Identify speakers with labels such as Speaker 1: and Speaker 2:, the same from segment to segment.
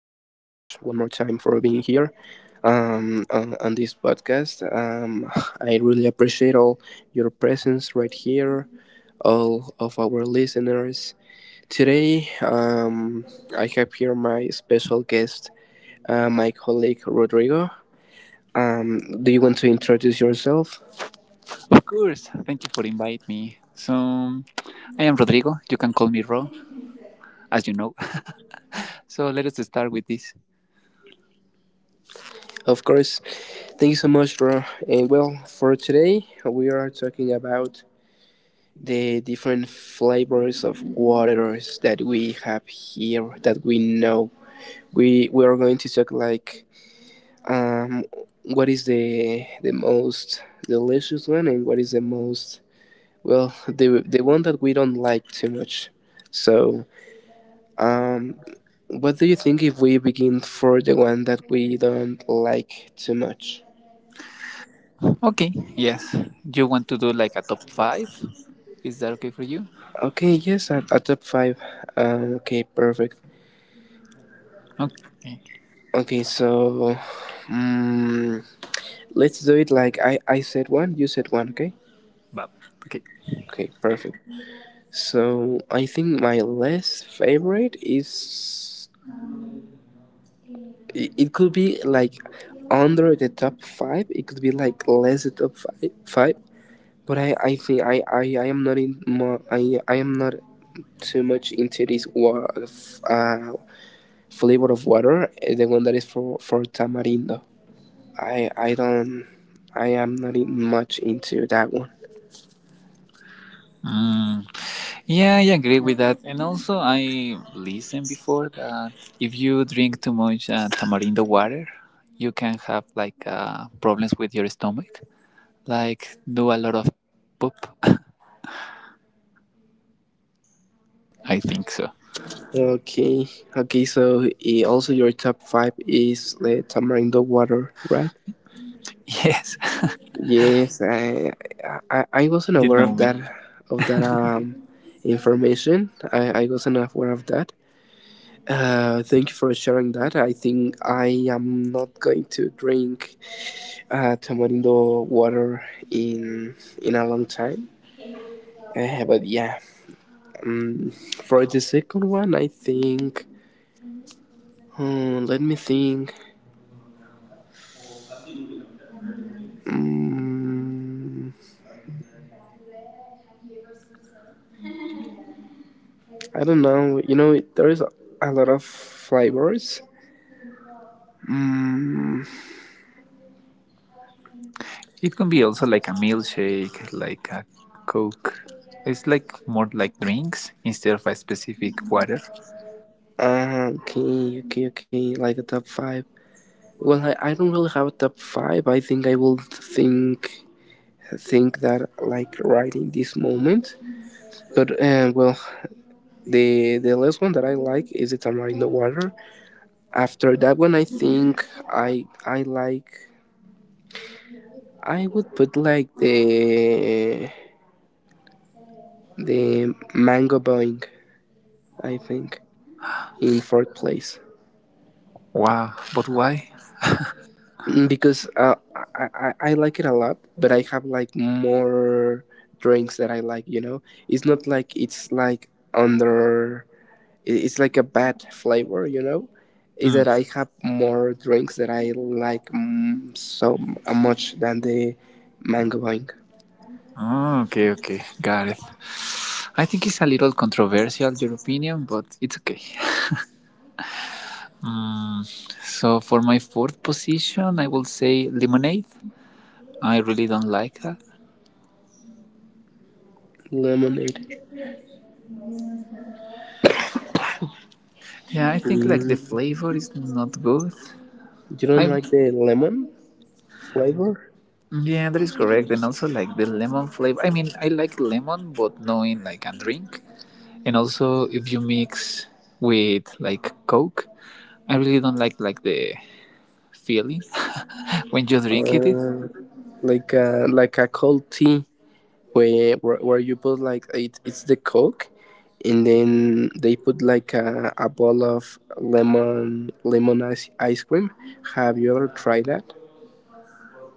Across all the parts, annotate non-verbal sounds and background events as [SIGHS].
Speaker 1: one more time for being here, on this podcast. I really appreciate all your presence right here, all of our listeners. Today, I have here my special guest, my colleague Rodrigo. Do you want to introduce yourself?
Speaker 2: Of course. Thank you for inviting me. So, I am Rodrigo. You can call me Ro, as you know. [LAUGHS] So, let us start with this.
Speaker 1: Of course. Thank you so much, Ro. And well, for today, we are talking about the different flavors of waters that we have here that we know. We are going to talk like, um, what is the most delicious one, and what is the most, well, the one that we don't like too much. So um, what do you think if we begin for the one that we don't like too much?
Speaker 2: Okay. Yes. You want to do like a top five? Is that okay for you?
Speaker 1: Okay, yes, a top five. Okay, perfect.
Speaker 2: Okay.
Speaker 1: Okay, so, um. let's do it like, I said one, you said one, okay?
Speaker 2: Bob. Okay.
Speaker 1: Okay, perfect. So I think my less favorite is, it could be like under the top five. It could be like less the top five. But I think I am not in more I am not too much into this flavor of water. The one that is for tamarindo. I don't. I am not in much into that one.
Speaker 2: Mm, yeah, I agree with that. And also, I listened before that if you drink too much tamarindo water, you can have like problems with your stomach, like do a lot of poop. [LAUGHS] I think so.
Speaker 1: Okay, okay. So, also your top five is the tamarindo water, right?
Speaker 2: Yes,
Speaker 1: Yes, I wasn't
Speaker 2: [LAUGHS] you
Speaker 1: aware
Speaker 2: know
Speaker 1: of
Speaker 2: me.
Speaker 1: that of that um information. I wasn't aware of that. Thank you for sharing that. I think I am not going to drink tamarindo water in in a long time. But yeah, um, for the second one, I think. Let me think. Mm, I don't know. You know, there is a lot of flavors. Mm,
Speaker 2: It can be also like a milkshake, like a Coke. It's like more like drinks instead of a specific water.
Speaker 1: okay, okay, okay. Like a top five. Well, I don't really have a top five. I think I will think that, like, right in this moment. But well, the last one that I like is the tamarindo water. After that one, I think I like, I would put like the mango boing, I think, in fourth place.
Speaker 2: Wow, but why?
Speaker 1: Because I like it a lot, but I have like more drinks that I like. You know, it's not like, it's like under. It's like a bad flavor. You know, is
Speaker 2: Mm.
Speaker 1: that I have more drinks that I like so much than the mango wine.
Speaker 2: Oh, okay, okay, got it. I think it's a little controversial, your opinion, but it's okay. So for my fourth position, I will say lemonade. I really don't like that.
Speaker 1: Lemonade.
Speaker 2: Yeah, I think like the
Speaker 1: Mm.
Speaker 2: flavor is not good.
Speaker 1: You don't
Speaker 2: I
Speaker 1: like the lemon flavor,
Speaker 2: yeah, that is correct, and also like the lemon flavor. I mean, I like lemon, but not in like a drink. And also if you mix with like Coke, I really don't like the feeling [LAUGHS] when you drink it.
Speaker 1: uh, like a cold tea, where you put like, it's the coke, and then they put like a bowl of lemon ice cream. Have you ever tried that?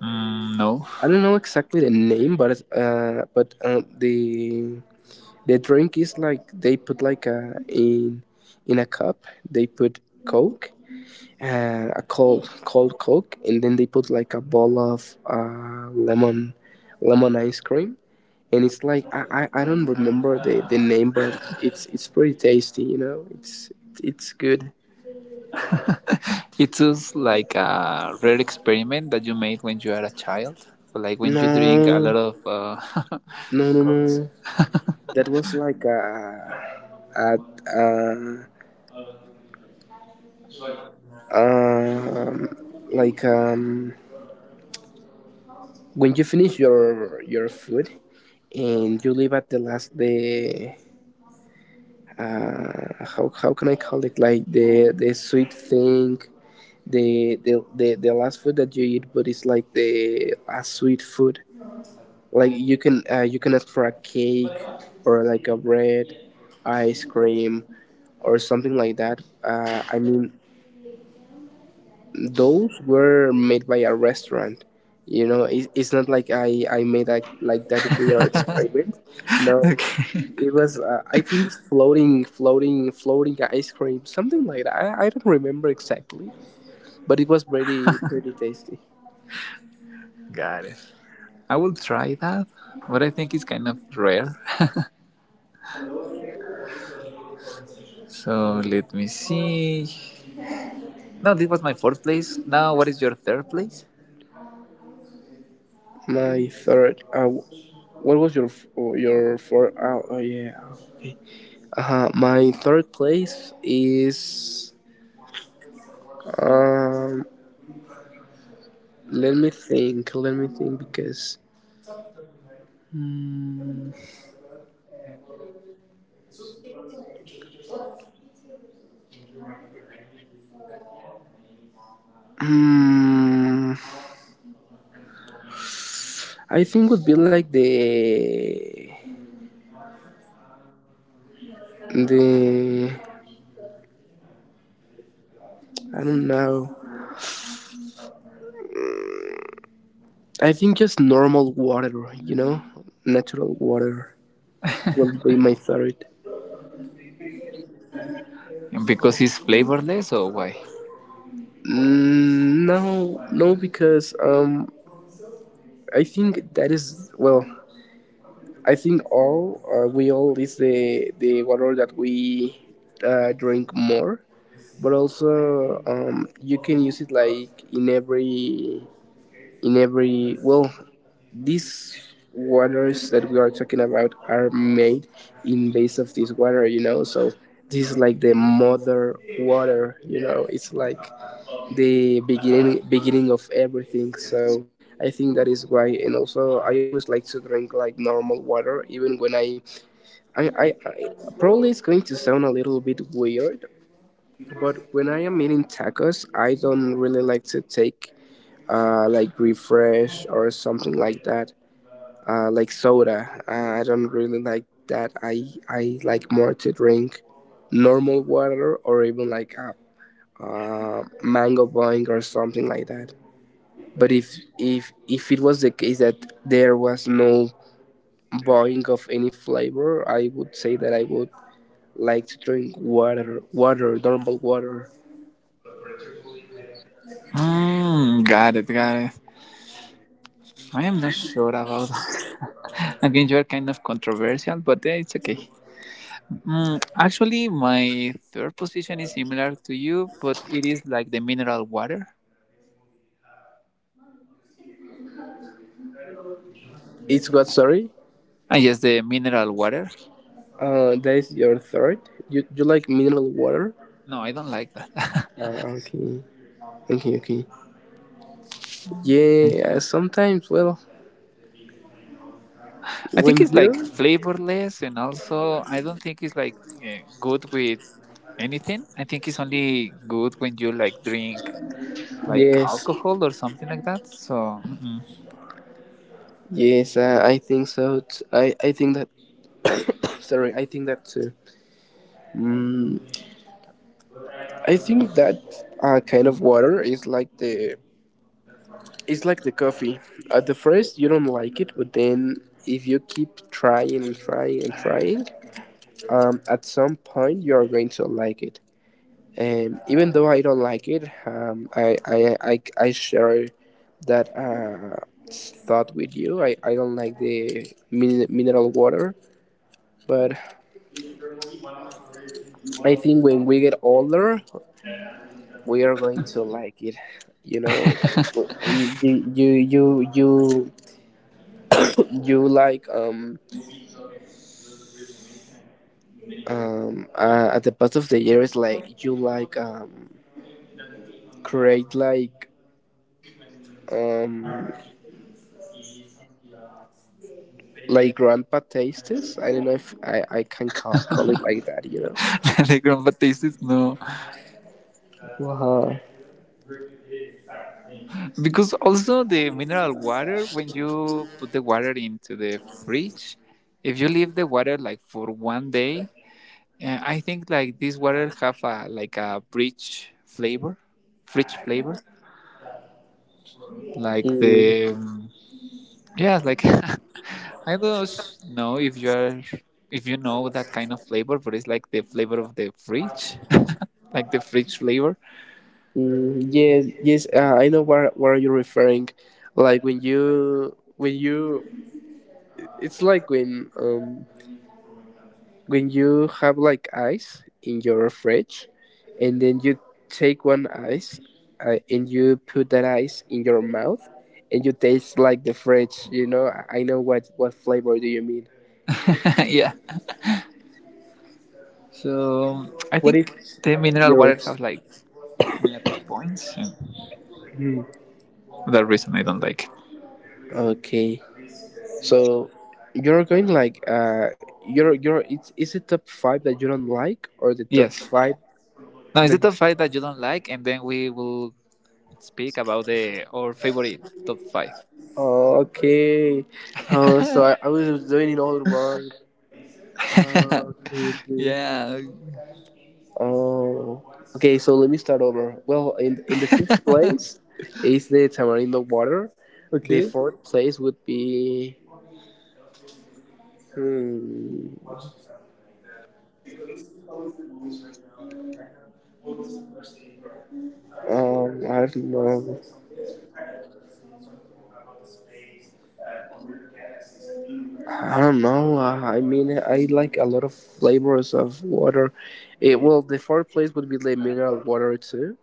Speaker 2: Mm, no,
Speaker 1: I don't know exactly the name, but the drink is, like, they put like a in a cup. They put coke, a cold coke, and then they put like a ball of lemon ice cream. And it's like, I don't remember the name, but it's pretty tasty, you know. It's good.
Speaker 2: it's just like a rare experiment that you made when you are a child, or like when you drink a lot
Speaker 1: No,
Speaker 2: of
Speaker 1: no,
Speaker 2: [LAUGHS]
Speaker 1: no, no.
Speaker 2: cokes.
Speaker 1: That was like a, a um, like um, when you finish your food, and you leave at the last the, how can I call it, like the sweet thing. The last food that you eat, but it's like the a sweet food, like you can, you can ask for a cake, or like a bread, ice cream, or something like that. I mean, those were made by a restaurant. You know, it, it's not like I made that weird experiment. No.
Speaker 2: Okay,
Speaker 1: It was I think floating ice cream, something like that. I don't remember exactly, but it was pretty tasty.
Speaker 2: [LAUGHS] got it. I will try that, but I think it's kind of rare. So let me see. No, this was my fourth place. Now, what is your third place?
Speaker 1: My third, what was your fourth? Oh, oh yeah, okay. My third place is, Um, let me think. Let me think, because, Mm, mm, I think, would be like the, the I don't know. I think just normal water, you know, natural water would be my third.
Speaker 2: Because it's flavorless, or why?
Speaker 1: No, no, because, I think that is, well, I think all, we all is the water that we, drink more, but also, you can use it like in every, well, these waters that we are talking about are made in base of this water, you know. So this is like the mother water, you know, it's like the beginning of everything. So I think that is why, and also I always like to drink like normal water, even when I probably, it's going to sound a little bit weird, but when I am eating tacos, I don't really like to take like refresh or something like that, like soda. I don't really like that. I like more to drink normal water, or even like a, mango boing or something like that. But if it was the case that there was no boing of any flavor, I would say that I would like to drink water, water, normal water.
Speaker 2: Mm, got it, got it. I am not sure about that. [LAUGHS] Again, you are kind of controversial, but eh, it's okay. Mm, actually, my third position is similar to you, but it is like the mineral water.
Speaker 1: It's what? Sorry.
Speaker 2: I yes, the mineral water.
Speaker 1: That is your third? You like mineral water?
Speaker 2: No, I don't like that.
Speaker 1: Okay. Okay, okay. Yeah, sometimes. Well,
Speaker 2: [LAUGHS] I think
Speaker 1: when
Speaker 2: it's like
Speaker 1: you.
Speaker 2: flavorless, and also I don't think it's like good with anything. I think it's only good when you like drink like
Speaker 1: Yes,
Speaker 2: alcohol or something like that. So mm-mm.
Speaker 1: yes. I think so. I think that. [COUGHS] Sorry, I think that too. Mm, I think that, kind of water is like the, it's like the coffee. At the first, you don't like it, but then if you keep trying and trying and trying, at some point you're going to like it. And even though I don't like it, I share that, thought with you. I don't like the mineral water, but I think when we get older, we are going to like it. You know, you you you you, you you like, at the past of the year is like you create um. Like grandpa tastes. I don't know if I can call it like that,
Speaker 2: [LAUGHS] The grandpa taste is no.
Speaker 1: Wow.
Speaker 2: Because also the mineral water, when you put the water into the fridge, if you leave the water like for one day, I think like this water have a like a rich flavor, rich flavor. Like
Speaker 1: Mm,
Speaker 2: the yeah, like [LAUGHS] I don't know if you are if you know that kind of flavor, but it's like the flavor of the fridge, [LAUGHS] like the fridge flavor.
Speaker 1: mm, yes, yes. I know what are you referring. Like when you, it's like when you have like ice in your fridge, and then you take one ice, and you put that ice in your mouth, and you taste like the fridge. You know. I know what flavor do you mean.
Speaker 2: [LAUGHS] Yeah. So I
Speaker 1: What
Speaker 2: think
Speaker 1: is
Speaker 2: the mineral water
Speaker 1: yours?
Speaker 2: has like negative points. That reason I don't like.
Speaker 1: Okay. So you're going like, you're, it's, is it top five that you don't like, or the top
Speaker 2: Yes.
Speaker 1: five
Speaker 2: Now is
Speaker 1: that,
Speaker 2: it a five that you don't like, and then we will speak about the our favorite top five?
Speaker 1: oh, okay. Oh,
Speaker 2: [LAUGHS]
Speaker 1: so I was doing it all wrong. Oh, okay, okay.
Speaker 2: Yeah.
Speaker 1: Oh okay, so let me start over. Well, in the fifth place is the tamarindo water. The fourth place would be, hmm I don't know. I don't know. I mean, I like a lot of flavors of water. Well, the fourth place would be the mineral water too.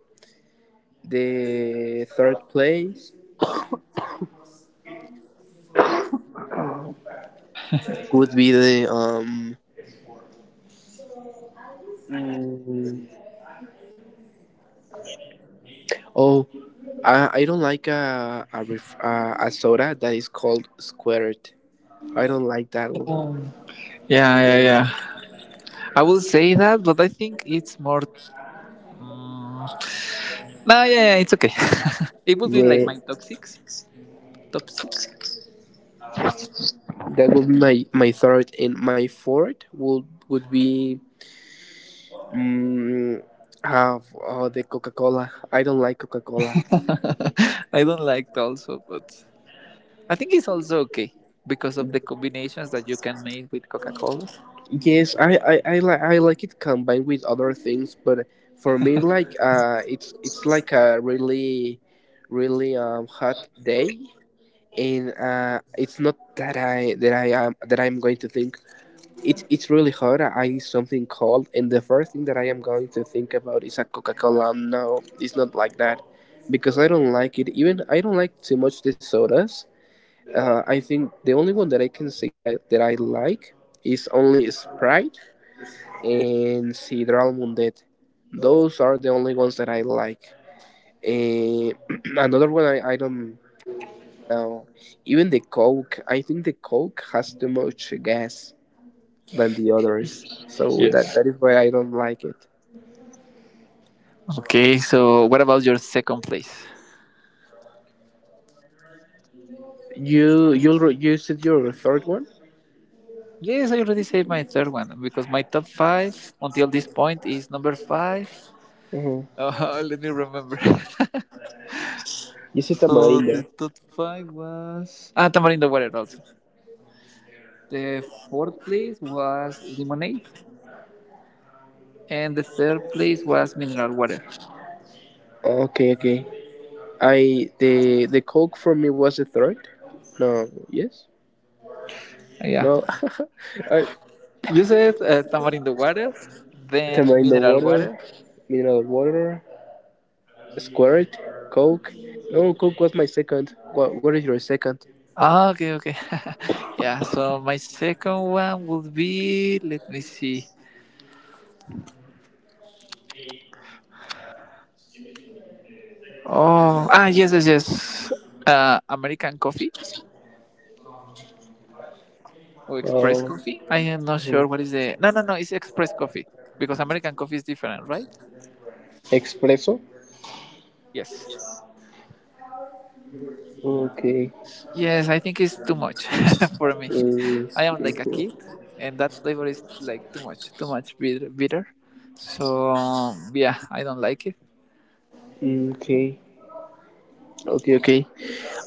Speaker 1: The third place would be the, mm, oh, I don't like a soda that is called squared. I don't like that one.
Speaker 2: Yeah, yeah,
Speaker 1: Yeah,
Speaker 2: yeah. I will say that, but I think it's more. Mm, no, yeah, yeah, it's okay. [LAUGHS] It would be like
Speaker 1: yeah,
Speaker 2: my top six. Top six.
Speaker 1: that would be my third, and my fourth would be, Mm, have, the Coca Cola. I don't like Coca Cola.
Speaker 2: [LAUGHS] I don't like it also, but I think it's also okay because of the combinations that you can make with Coca Cola.
Speaker 1: Yes, I like it combined with other things, but for me, like, it's like a really, really hot day, and it's not that I'm going to think. It's really hot. I need something cold, and the first thing that I am going to think about is a Coca Cola. No, it's not like that, because I don't like it. Even I don't like too much the sodas. I think the only one that I can say that I like is only Sprite and Sidral Mundet. Those are the only ones that I like. Eh, [CLEARS THROAT] another one I don't really know. Even the Coke, I think the Coke has too much gas than the others. So that,
Speaker 2: Yes.
Speaker 1: that is why I don't like it.
Speaker 2: Okay, so what about your second place?
Speaker 1: You said your third one?
Speaker 2: Yes, I already saved my third one because my top five until this point is number five.
Speaker 1: Mhm.
Speaker 2: [LAUGHS] Let me remember.
Speaker 1: You
Speaker 2: [LAUGHS]
Speaker 1: said
Speaker 2: So the
Speaker 1: Amarillo.
Speaker 2: top five was ah tamarindo water also. The fourth place was lemonade, and the third place was mineral water.
Speaker 1: Okay, okay. I, the coke for me was a third. No, yes,
Speaker 2: Yeah,
Speaker 1: no. [LAUGHS] I,
Speaker 2: you said tamarindo water, then
Speaker 1: tamarind
Speaker 2: mineral
Speaker 1: water,
Speaker 2: water.
Speaker 1: mineral water, squirt, coke. No, coke was my second. What is your second?
Speaker 2: Ah, okay, okay. [LAUGHS] Yeah. So my second one would be let me see. Oh, ah yes, yes, yes. American coffee. Oh, express
Speaker 1: Uh,
Speaker 2: coffee. I am not sure
Speaker 1: mhm.
Speaker 2: what is the. No, no, no. It's express coffee because American coffee is different, right?
Speaker 1: Espresso.
Speaker 2: Yes.
Speaker 1: Okay.
Speaker 2: Yes, I think it's too much [LAUGHS] for me.
Speaker 1: Mm,
Speaker 2: I am like a kid, and that flavor is like too much bitter. Bitter. So yeah, I don't like it.
Speaker 1: mm, okay. Okay. Okay.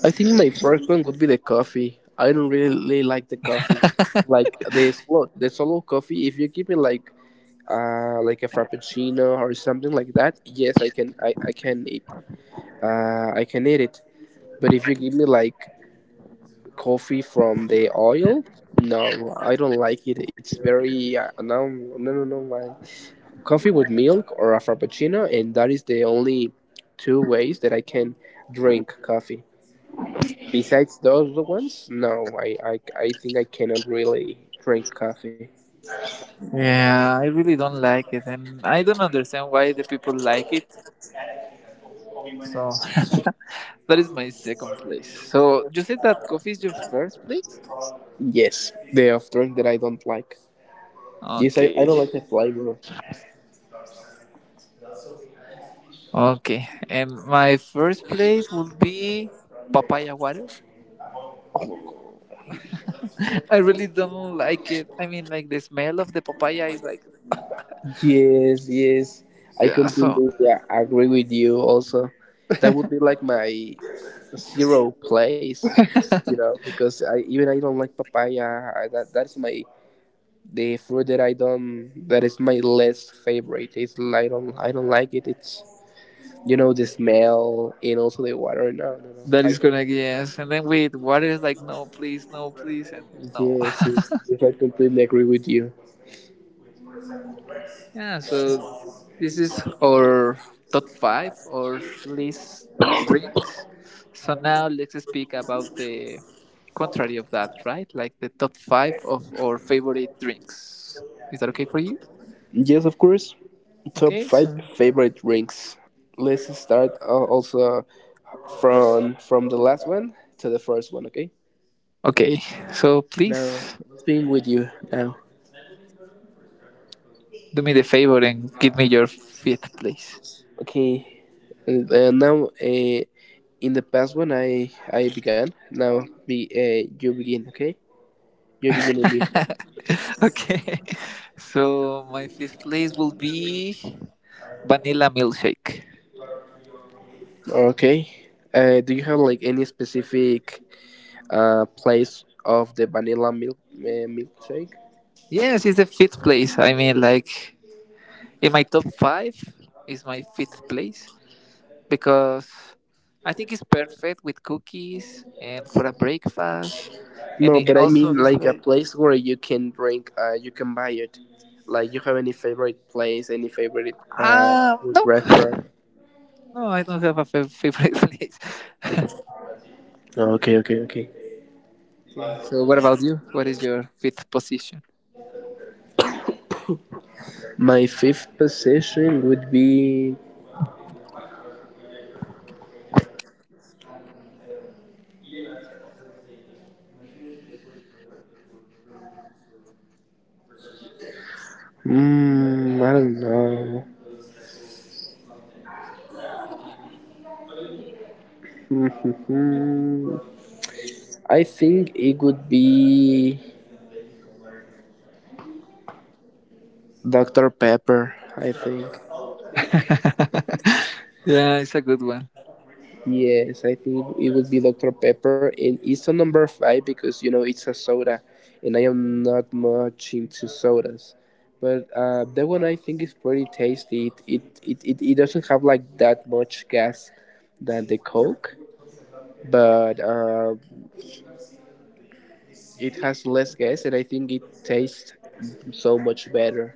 Speaker 1: I think my first one would be the coffee. I don't really really like the coffee. Like the slow, the solo coffee. If you give me like, like a frappuccino or something like that, yes, I can eat, I can eat it. But if you give me like coffee from the oil, no, I don't like it. It's very no. My coffee with milk or a frappuccino, and that is the only two ways that I can drink coffee. Besides those ones, no, I think I cannot really drink coffee.
Speaker 2: Yeah, I really don't like it, and I don't understand why the people like it. So [LAUGHS] that is my second place. So you said that coffee is your first place.
Speaker 1: Yes, the are drink that I don't like. Yes, I
Speaker 2: Okay.
Speaker 1: don't like the flavor.
Speaker 2: Okay, and my first place would be papaya water. I really don't like it. I mean, like the smell of the papaya is like
Speaker 1: Yes, yes. I
Speaker 2: yeah. So
Speaker 1: completely agree with you also. That would be like my zero place, because I even I don't like papaya. I, that that is my the fruit that I don't that is my least favorite. It's I don't like it. It's you know the smell and also the water. No, no, no.
Speaker 2: that
Speaker 1: I
Speaker 2: is gonna Yes, and then with water is like no, please, no, please, and no.
Speaker 1: yes,
Speaker 2: [LAUGHS]
Speaker 1: yes, yes, I completely agree with you.
Speaker 2: Yeah. So this is our top five or least drinks. So now let's speak about the contrary of that, right? Like the top five of our favorite drinks. Is that okay for you?
Speaker 1: Yes, of course. Top
Speaker 2: Okay.
Speaker 1: five
Speaker 2: So
Speaker 1: favorite drinks. Let's start also from the last one to the first one. Okay.
Speaker 2: okay, so
Speaker 1: Now,
Speaker 2: please
Speaker 1: what's being with you now.
Speaker 2: do me the favor and give me your fifth place.
Speaker 1: Okay. And now, in the past one, I began. Now, be you begin. Okay. You begin in this one.
Speaker 2: [LAUGHS] Okay, so my fifth place will be vanilla milkshake.
Speaker 1: Okay. Do you have like any specific place of the vanilla milkshake?
Speaker 2: Yes, it's the fifth place. I mean, like in my top five is my fifth place because I think it's perfect with cookies and for a breakfast, and
Speaker 1: No, [LAUGHS]
Speaker 2: it
Speaker 1: but I
Speaker 2: also
Speaker 1: mean
Speaker 2: is
Speaker 1: like a
Speaker 2: like
Speaker 1: place where you can drink, you can buy it. Like you have any favorite place, any favorite
Speaker 2: ah
Speaker 1: food
Speaker 2: no,
Speaker 1: restaurant?
Speaker 2: [LAUGHS] no, I don't have a favorite [LAUGHS] place.
Speaker 1: Okay, okay, okay.
Speaker 2: Okay, so what about you? What is your fifth position?
Speaker 1: My fifth position would be. Mm, I don't know. Mm, I think it would be Dr. Pepper. I think
Speaker 2: [LAUGHS] Yeah, it's a good one.
Speaker 1: Yes, I think it would be Dr. Pepper, and it's on number five because you know it's a soda, and I am not much into sodas. But that one I think is pretty tasty. It doesn't have like that much gas than the Coke, but it has less gas, and I think it tastes so much better.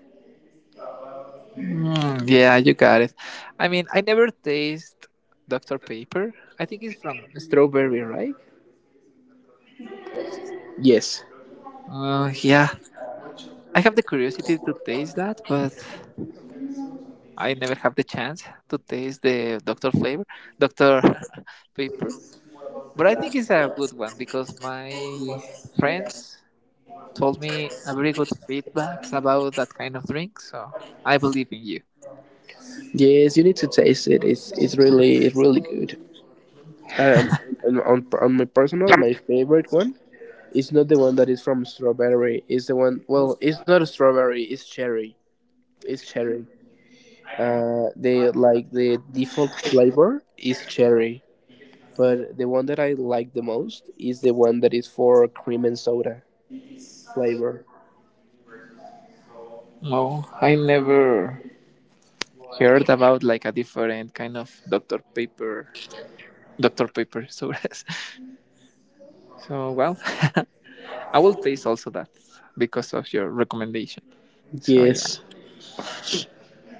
Speaker 2: Mm, yeah, you got it. I mean, I never taste Dr. Pepper. I think it's from strawberry, right?
Speaker 1: Yes,
Speaker 2: Yeah. I have the curiosity to taste that, but I never have the chance to taste the Dr. flavor, Dr. [LAUGHS] Pepper. But I think it's a good one because my friends told me a very good feedbacks about that kind of drink, so I believe in you.
Speaker 1: yes, you need to taste it. It's really it's really good. Um, and on my personal, my favorite one It's not the one that is from strawberry. It's the one. Well, it's not a strawberry. It's cherry. It's cherry. The like the default flavor is cherry, but the one that I like the most is the one that is for cream and soda flavor.
Speaker 2: No, I never heard about like a different kind of Dr. Paper, Dr. Paper sodas. [LAUGHS] So well, [LAUGHS] I will taste also that because of your recommendation. So yeah.
Speaker 1: Yes.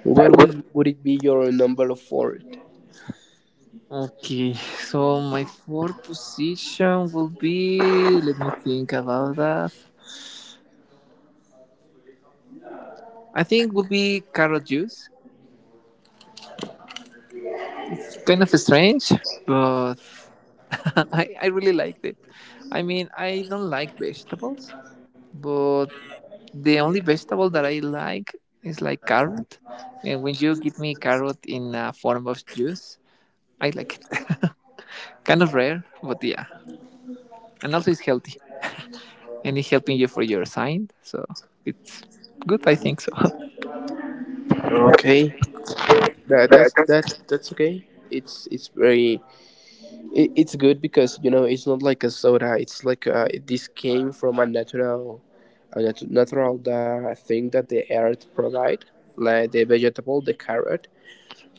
Speaker 1: What would it be your number four?
Speaker 2: Okay, so my fourth position will be. Let me think about that. I think would be carrot juice. It's kind of strange, but [LAUGHS] I really liked it. I mean, I don't like vegetables, but the only vegetable that I like is like carrot. And when you give me carrot in a form of juice, I like it. [LAUGHS] Kind of rare, but yeah. And also it's healthy. And it's helping you for your sign. So it's good, I think so. [LAUGHS]
Speaker 1: Okay. That's okay. It's very it's good because you know it's not like a soda. It's like this came from a natural, a natural thing that the earth provide, like the vegetable, the carrot.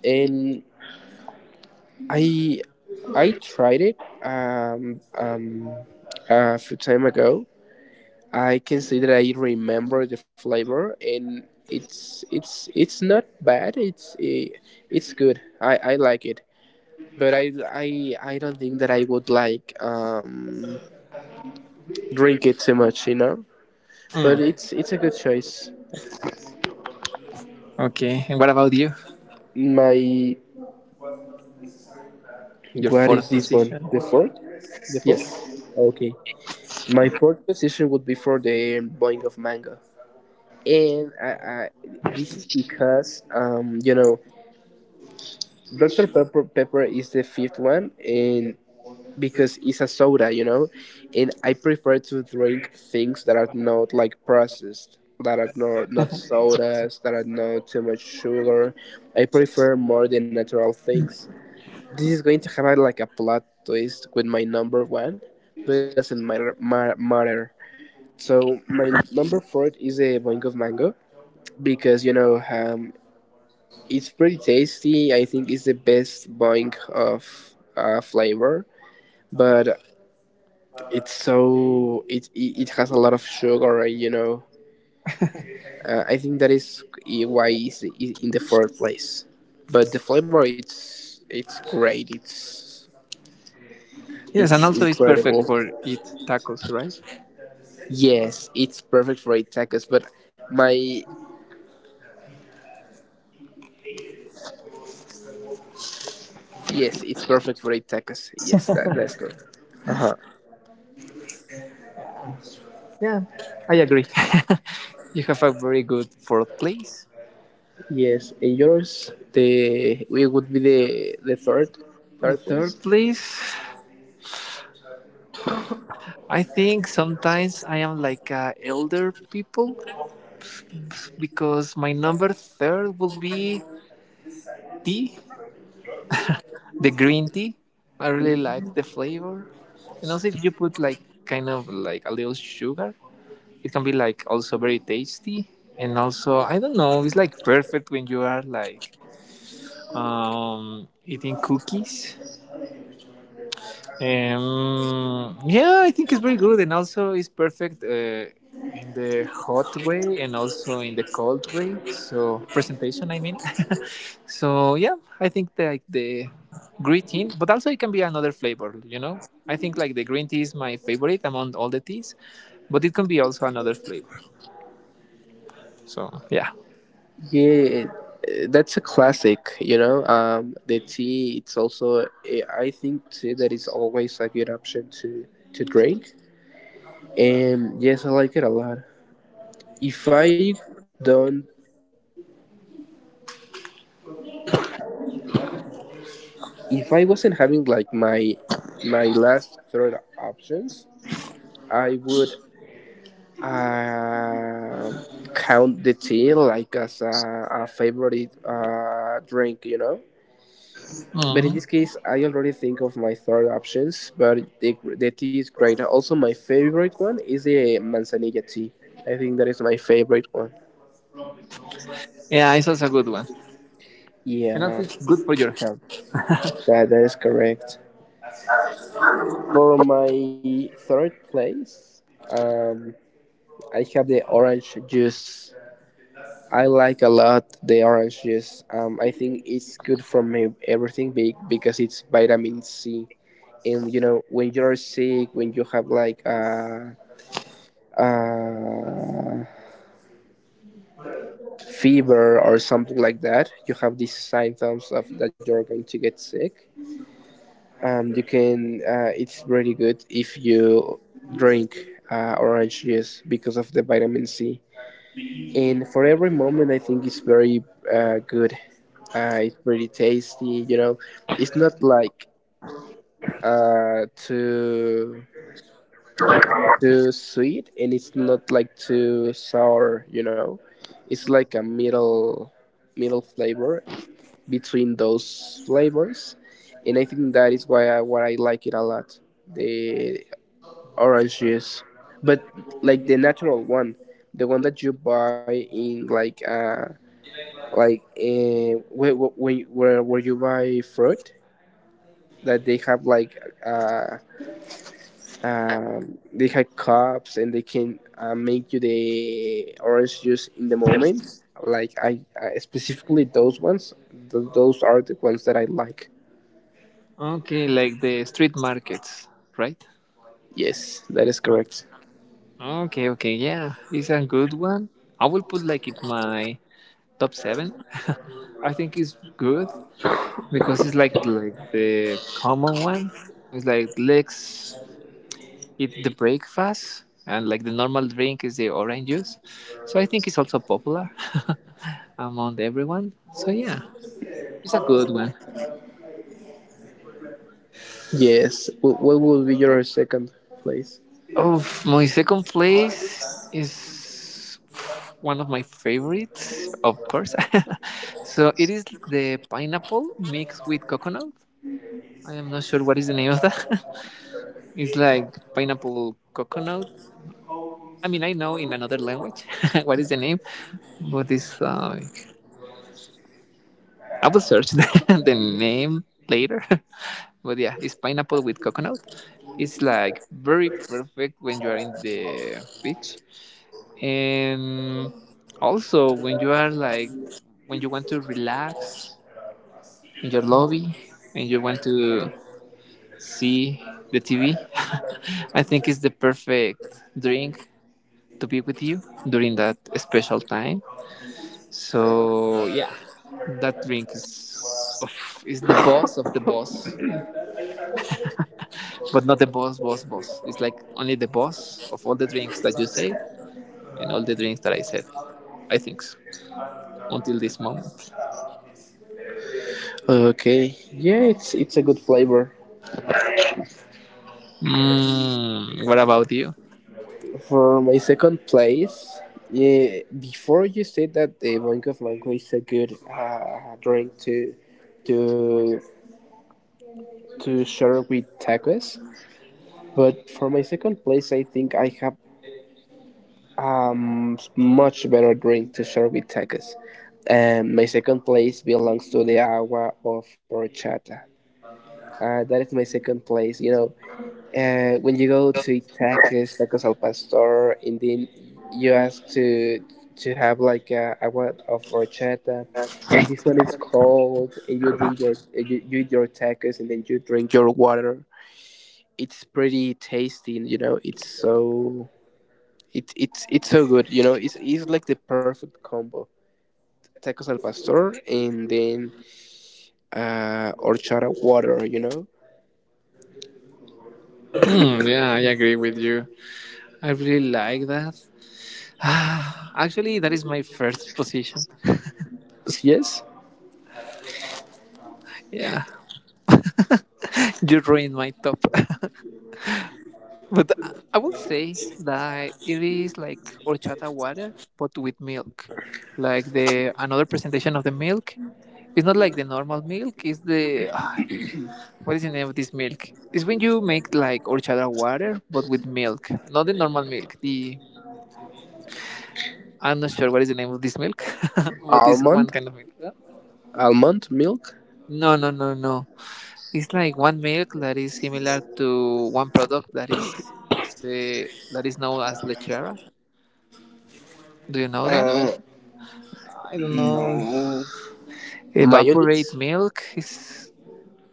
Speaker 1: And I, I tried it um, um, a few time ago. I can say that I remember the flavor, and it's not bad. It's good. I like it, but I don't think that I would like drink it too much, you know. But
Speaker 2: Mm,
Speaker 1: it's a good choice.
Speaker 2: okay. And what about you?
Speaker 1: My
Speaker 2: Your
Speaker 1: what is
Speaker 2: fourth
Speaker 1: this one?
Speaker 2: position?
Speaker 1: The fourth? The
Speaker 2: Yes.
Speaker 1: fourth? Okay. My fourth position would be for the blowing of mango, and I this is because you know Dr Pepper Pepper is the fifth one, and because it's a soda, you know, and I prefer to drink things that are not like processed, that are not sodas, that are not too much sugar. I prefer more the natural things. This is going to have a, like a plot twist with my number one, but it doesn't matter. Matter. So my number four is a boing of mango because you know it's pretty tasty. I think it's the best boing of flavor but It's so it has a lot of sugar, right, you know. I think that is why it's in the fourth place. But the flavor, it's great.
Speaker 2: Yes, and
Speaker 1: It's
Speaker 2: also it's
Speaker 1: incredible.
Speaker 2: perfect for eat tacos, right?
Speaker 1: Yes, it's perfect for eight tacos. But my yes, it's perfect for eight tacos. Yes, that that's good. Uh huh.
Speaker 2: Yeah, I agree. [LAUGHS] You have a very good fourth place.
Speaker 1: Yes, and yours the it would be the third
Speaker 2: The
Speaker 1: third
Speaker 2: third
Speaker 1: place.
Speaker 2: place I think sometimes I am like elder people because my number third will be tea, the green tea. I really like the flavor, and also if you put like kind of like a little sugar, it can be like also very tasty. And also I don't know, it's like perfect when you are like eating cookies. Yeah, I think it's very good, and also it's perfect in the hot way and also in the cold way. So presentation, I mean. [LAUGHS] So yeah, I think like, the green tea, but also it can be another flavor. You know, I think like the green tea is my favorite among all the teas, but it can be also another flavor. So yeah,
Speaker 1: Yeah, that's a classic, you know. The tea, it's also, I think, tea that is always a good option to drink. And yes, I like it a lot. If I don't, if I wasn't having like my last third options, I would um count the tea like as a favorite drink, you know. But in
Speaker 2: mhm.
Speaker 1: this case, I already think of my third options, but the tea is great. Also, my favorite one is the manzanilla tea. I think that is my favorite one.
Speaker 2: Yeah, it's also a good one, and also
Speaker 1: Yeah,
Speaker 2: it's good for your health.
Speaker 1: that, that is correct. For my third place, um, I have the orange juice. I like a lot the orange juice. I think it's good for me everything big because it's vitamin C. And you know, when you're sick, when you have like uh, fever or something like that, you have these symptoms of that you're going to get sick. You can. It's really good if you drink orange juice because of the vitamin C. And for every moment, I think it's very good. It's pretty tasty. You know, it's not like too too sweet and it's not like too sour you know it's like a middle flavor between those flavors and I think that is why I like it a lot the orange juice but like the natural one the one that you buy in like where you buy fruit that they have like uh they have cups and they can make you the orange juice in the
Speaker 2: Yes.
Speaker 1: moment. Like I specifically those ones. Those are the ones that I like.
Speaker 2: Okay, like the street markets, right?
Speaker 1: Yes, that is correct.
Speaker 2: Okay, okay, yeah, it's a good one. I will put like it my top seven. [LAUGHS] I think it's good because it's like the common one. It's like let's eat the breakfast and like the normal drink is the orange juice. So I think it's also popular [LAUGHS] among everyone. So yeah, it's a good one.
Speaker 1: Yes. What will be your second place?
Speaker 2: Of my second place is one of my favorites, of course. [LAUGHS] So it is the pineapple mixed with coconut. I am not sure what is the name of that. [LAUGHS] It's like pineapple coconut. I mean, I know in another language [LAUGHS] what is the name, but it's like I will search [LAUGHS] the name later. [LAUGHS] But yeah, it's pineapple with coconut. It's like very perfect when you are in the beach. And also, when you are like, when you want to relax in your lobby and you want to see the TV, [LAUGHS] I think it's the perfect drink to be with you during that special time. So yeah, that drink is of, is the boss of the boss, but not the boss boss boss. It's like only the boss of all the drinks that you said and all the drinks that I said. I think so until this moment.
Speaker 1: Okay. Yeah, it's a good flavor.
Speaker 2: Mm, what about you?
Speaker 1: For my second place, yeah, before you said that the blanco is a good drink to to share with tacos, But for my second place, I think I have much better drink to share with tacos. And my second place belongs to the agua of horchata. That is my second place. You know, when you go to eat tacos, tacos al pastor, and then you ask to have like a agua of horchata, and this one is cold, and you drink you eat your tacos, and then you drink your water. It's pretty tasty. You know, it's so it's so good. You know, it's like the perfect combo: tacos al pastor and then horchata water. You know,
Speaker 3: Mm, yeah, I agree with you. I really like that. [SIGHS] Actually, that is my first position.
Speaker 1: yes,
Speaker 3: Yeah, you ruined my top. [LAUGHS] But I will say that it is like horchata water, but with milk. Like the another presentation of the milk. It's not like the normal milk. It's the [SIGHS] what is the name of this milk? It's when you make like horchata water, but with milk, not the normal milk. The I'm not sure what is the name of this milk, [LAUGHS] but this
Speaker 1: almond,
Speaker 3: one kind of milk. Yeah?
Speaker 1: almond milk.
Speaker 3: No, no, no, no. It's like one milk that is similar to one product that is say, that is known as lechera. Do you know
Speaker 1: I know.
Speaker 3: that? I don't know. Evaporate
Speaker 1: Mayonnaise.
Speaker 3: milk is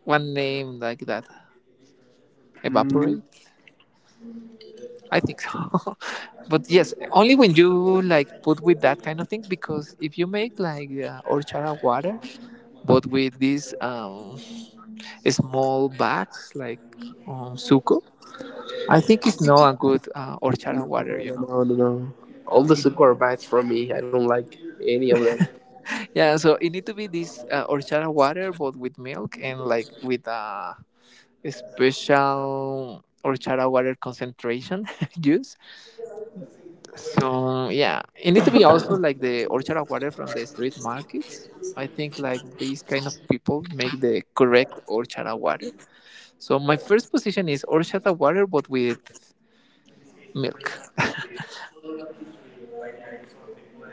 Speaker 3: one name like that. Evaporate. I think so. [LAUGHS] But yes, only when you like put with that kind of thing because if you make like horchata water but with these small bags like suco, I think it's not a good
Speaker 1: No,
Speaker 3: horchata water. You
Speaker 1: no,
Speaker 3: know.
Speaker 1: no, no, no. All
Speaker 3: No,
Speaker 1: the
Speaker 3: it,
Speaker 1: super bites for me. I don't like any of them.
Speaker 3: yeah, so it need to be this horchata water, but with milk and like with a special horchata water concentration [LAUGHS] juice. So yeah, it need to be also like the horchata water from the street markets. I think like these kind of people make the correct horchata water. So my first position is horchata water, but with milk. [LAUGHS]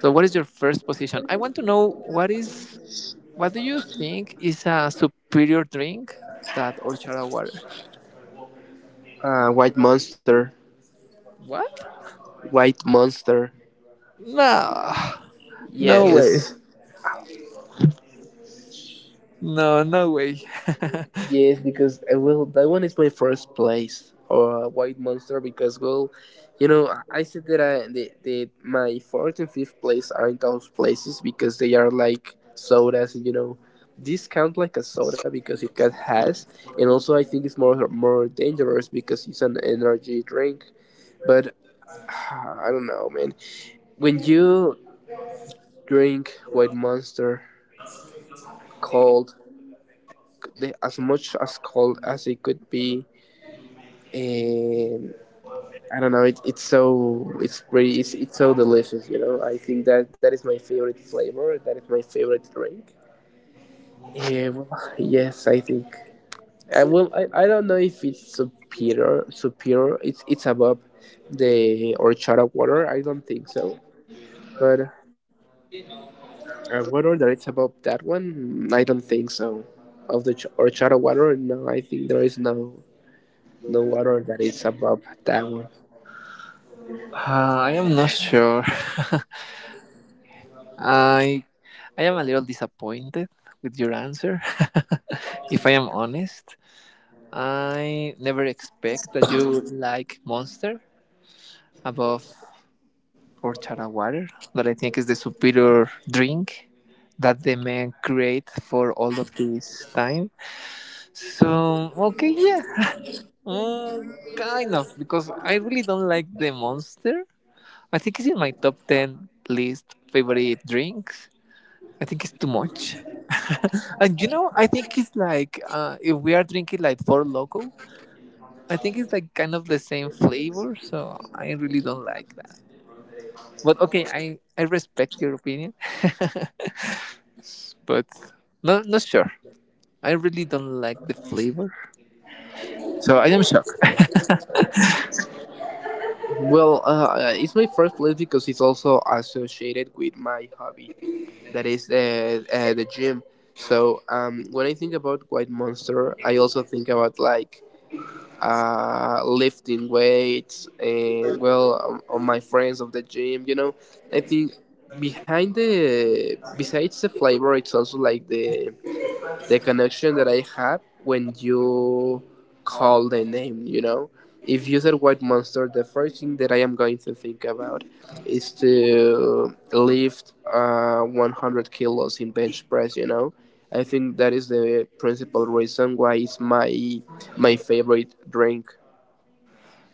Speaker 3: So what is your first position? I want to know what is what do you think is a superior drink that horchata water?
Speaker 1: White monster,
Speaker 3: What?
Speaker 1: white monster.
Speaker 3: No, no way.
Speaker 1: Yes.
Speaker 3: No, no way. [LAUGHS]
Speaker 1: Yes, because well, that one is my first place or White Monster because well, you know, I said that that my fourth and fifth place aren't those places because they are like sodas, you know. This counts like a soda because it got has, and also I think it's more dangerous because it's an energy drink. But [SIGHS] I don't know, man. When you drink White Monster cold, the, as much as cold as it could be, um, I don't know. It's so it's so delicious. You know. I think that that is my favorite flavor. That is my favorite drink. Well, yes, I think. I will. I don't know if it's superior. Superior. It's above the horchata water. I don't think so. But a water that it's above that one, I don't think so. Of the horchata water, no. I think there is no no water that is above that one.
Speaker 3: I am not sure. [LAUGHS] I I am a little disappointed with your answer. [LAUGHS] If I am honest, I never expect that you like Monster above horchata water that I think is the superior drink that the men create for all of this time. So okay, yeah, mm, kind of because I really don't like the monster. I think it's in my top ten list favorite drinks. I think it's too much. [LAUGHS] And I think it's like if we are drinking like four loco, I think it's like kind of the same flavor. So I really don't like that. But okay, I respect your opinion, [LAUGHS] but not sure. I really don't like the flavor, so I am shocked. [LAUGHS]
Speaker 1: Well, it's my first place because it's also associated with my hobby, that is the gym. So when I think about White Monster, I also think about like lifting weights and well, all my friends of the gym. You know, I think behind the besides the flavor, it's also like the connection that I have when you call the name, you know? If you said white monster, the first thing that I am going to think about is to lift 100 kilos in bench press, you know? I think that is the principal reason why it's my my favorite drink.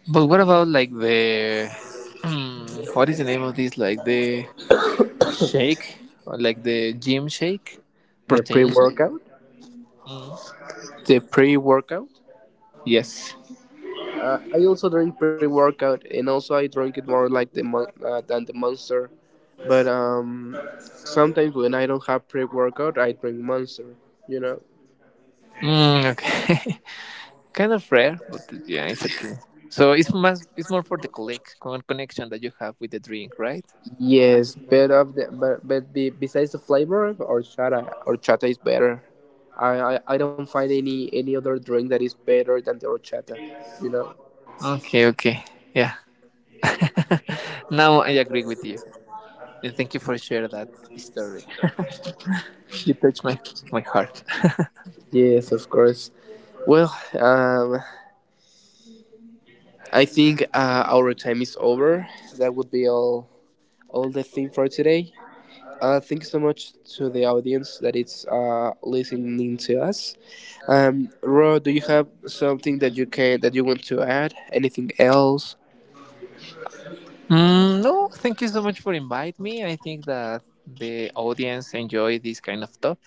Speaker 3: But what about like the mm, what is the name of this? Like the shake, or like the gym shake,
Speaker 1: The pre
Speaker 3: protein shake.
Speaker 1: workout? The pre workout?
Speaker 3: Yes.
Speaker 1: I also drink pre-workout, and also I drink it more like the than the Monster. But sometimes when I don't have pre-workout, I drink Monster. You know.
Speaker 3: Mm, okay. [LAUGHS] Kind of rare, but yeah, it's okay. So it's más, it's more for the collect, con- connection that you have with the drink, right? That's
Speaker 1: Yes,
Speaker 3: okay.
Speaker 1: but of the but be, besides the flavor, horchata is better. I don't find any other drink that is better than the horchata. You know.
Speaker 3: Okay. Okay. Yeah. [LAUGHS] Now I agree with you, and thank you for sharing that story. You touched my my heart.
Speaker 1: Yes, of course. Well, I think our time is over. That would be all the thing for today. Thanks so much to the audience that it's listening to us. Ro, do you have something that you can that you want to add? Anything else?
Speaker 3: Mm, no, thank you so much for inviting me. I think that the audience enjoy this kind of stuff,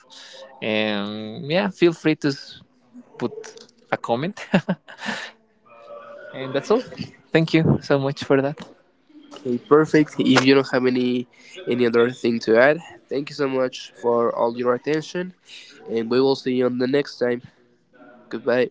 Speaker 3: and yeah, feel free to put a comment, [LAUGHS] and that's all. Thank you so much for that.
Speaker 1: Okay, perfect. If you don't have any other thing to add, thank you so much for all your attention, and we will see you on the next time. Goodbye.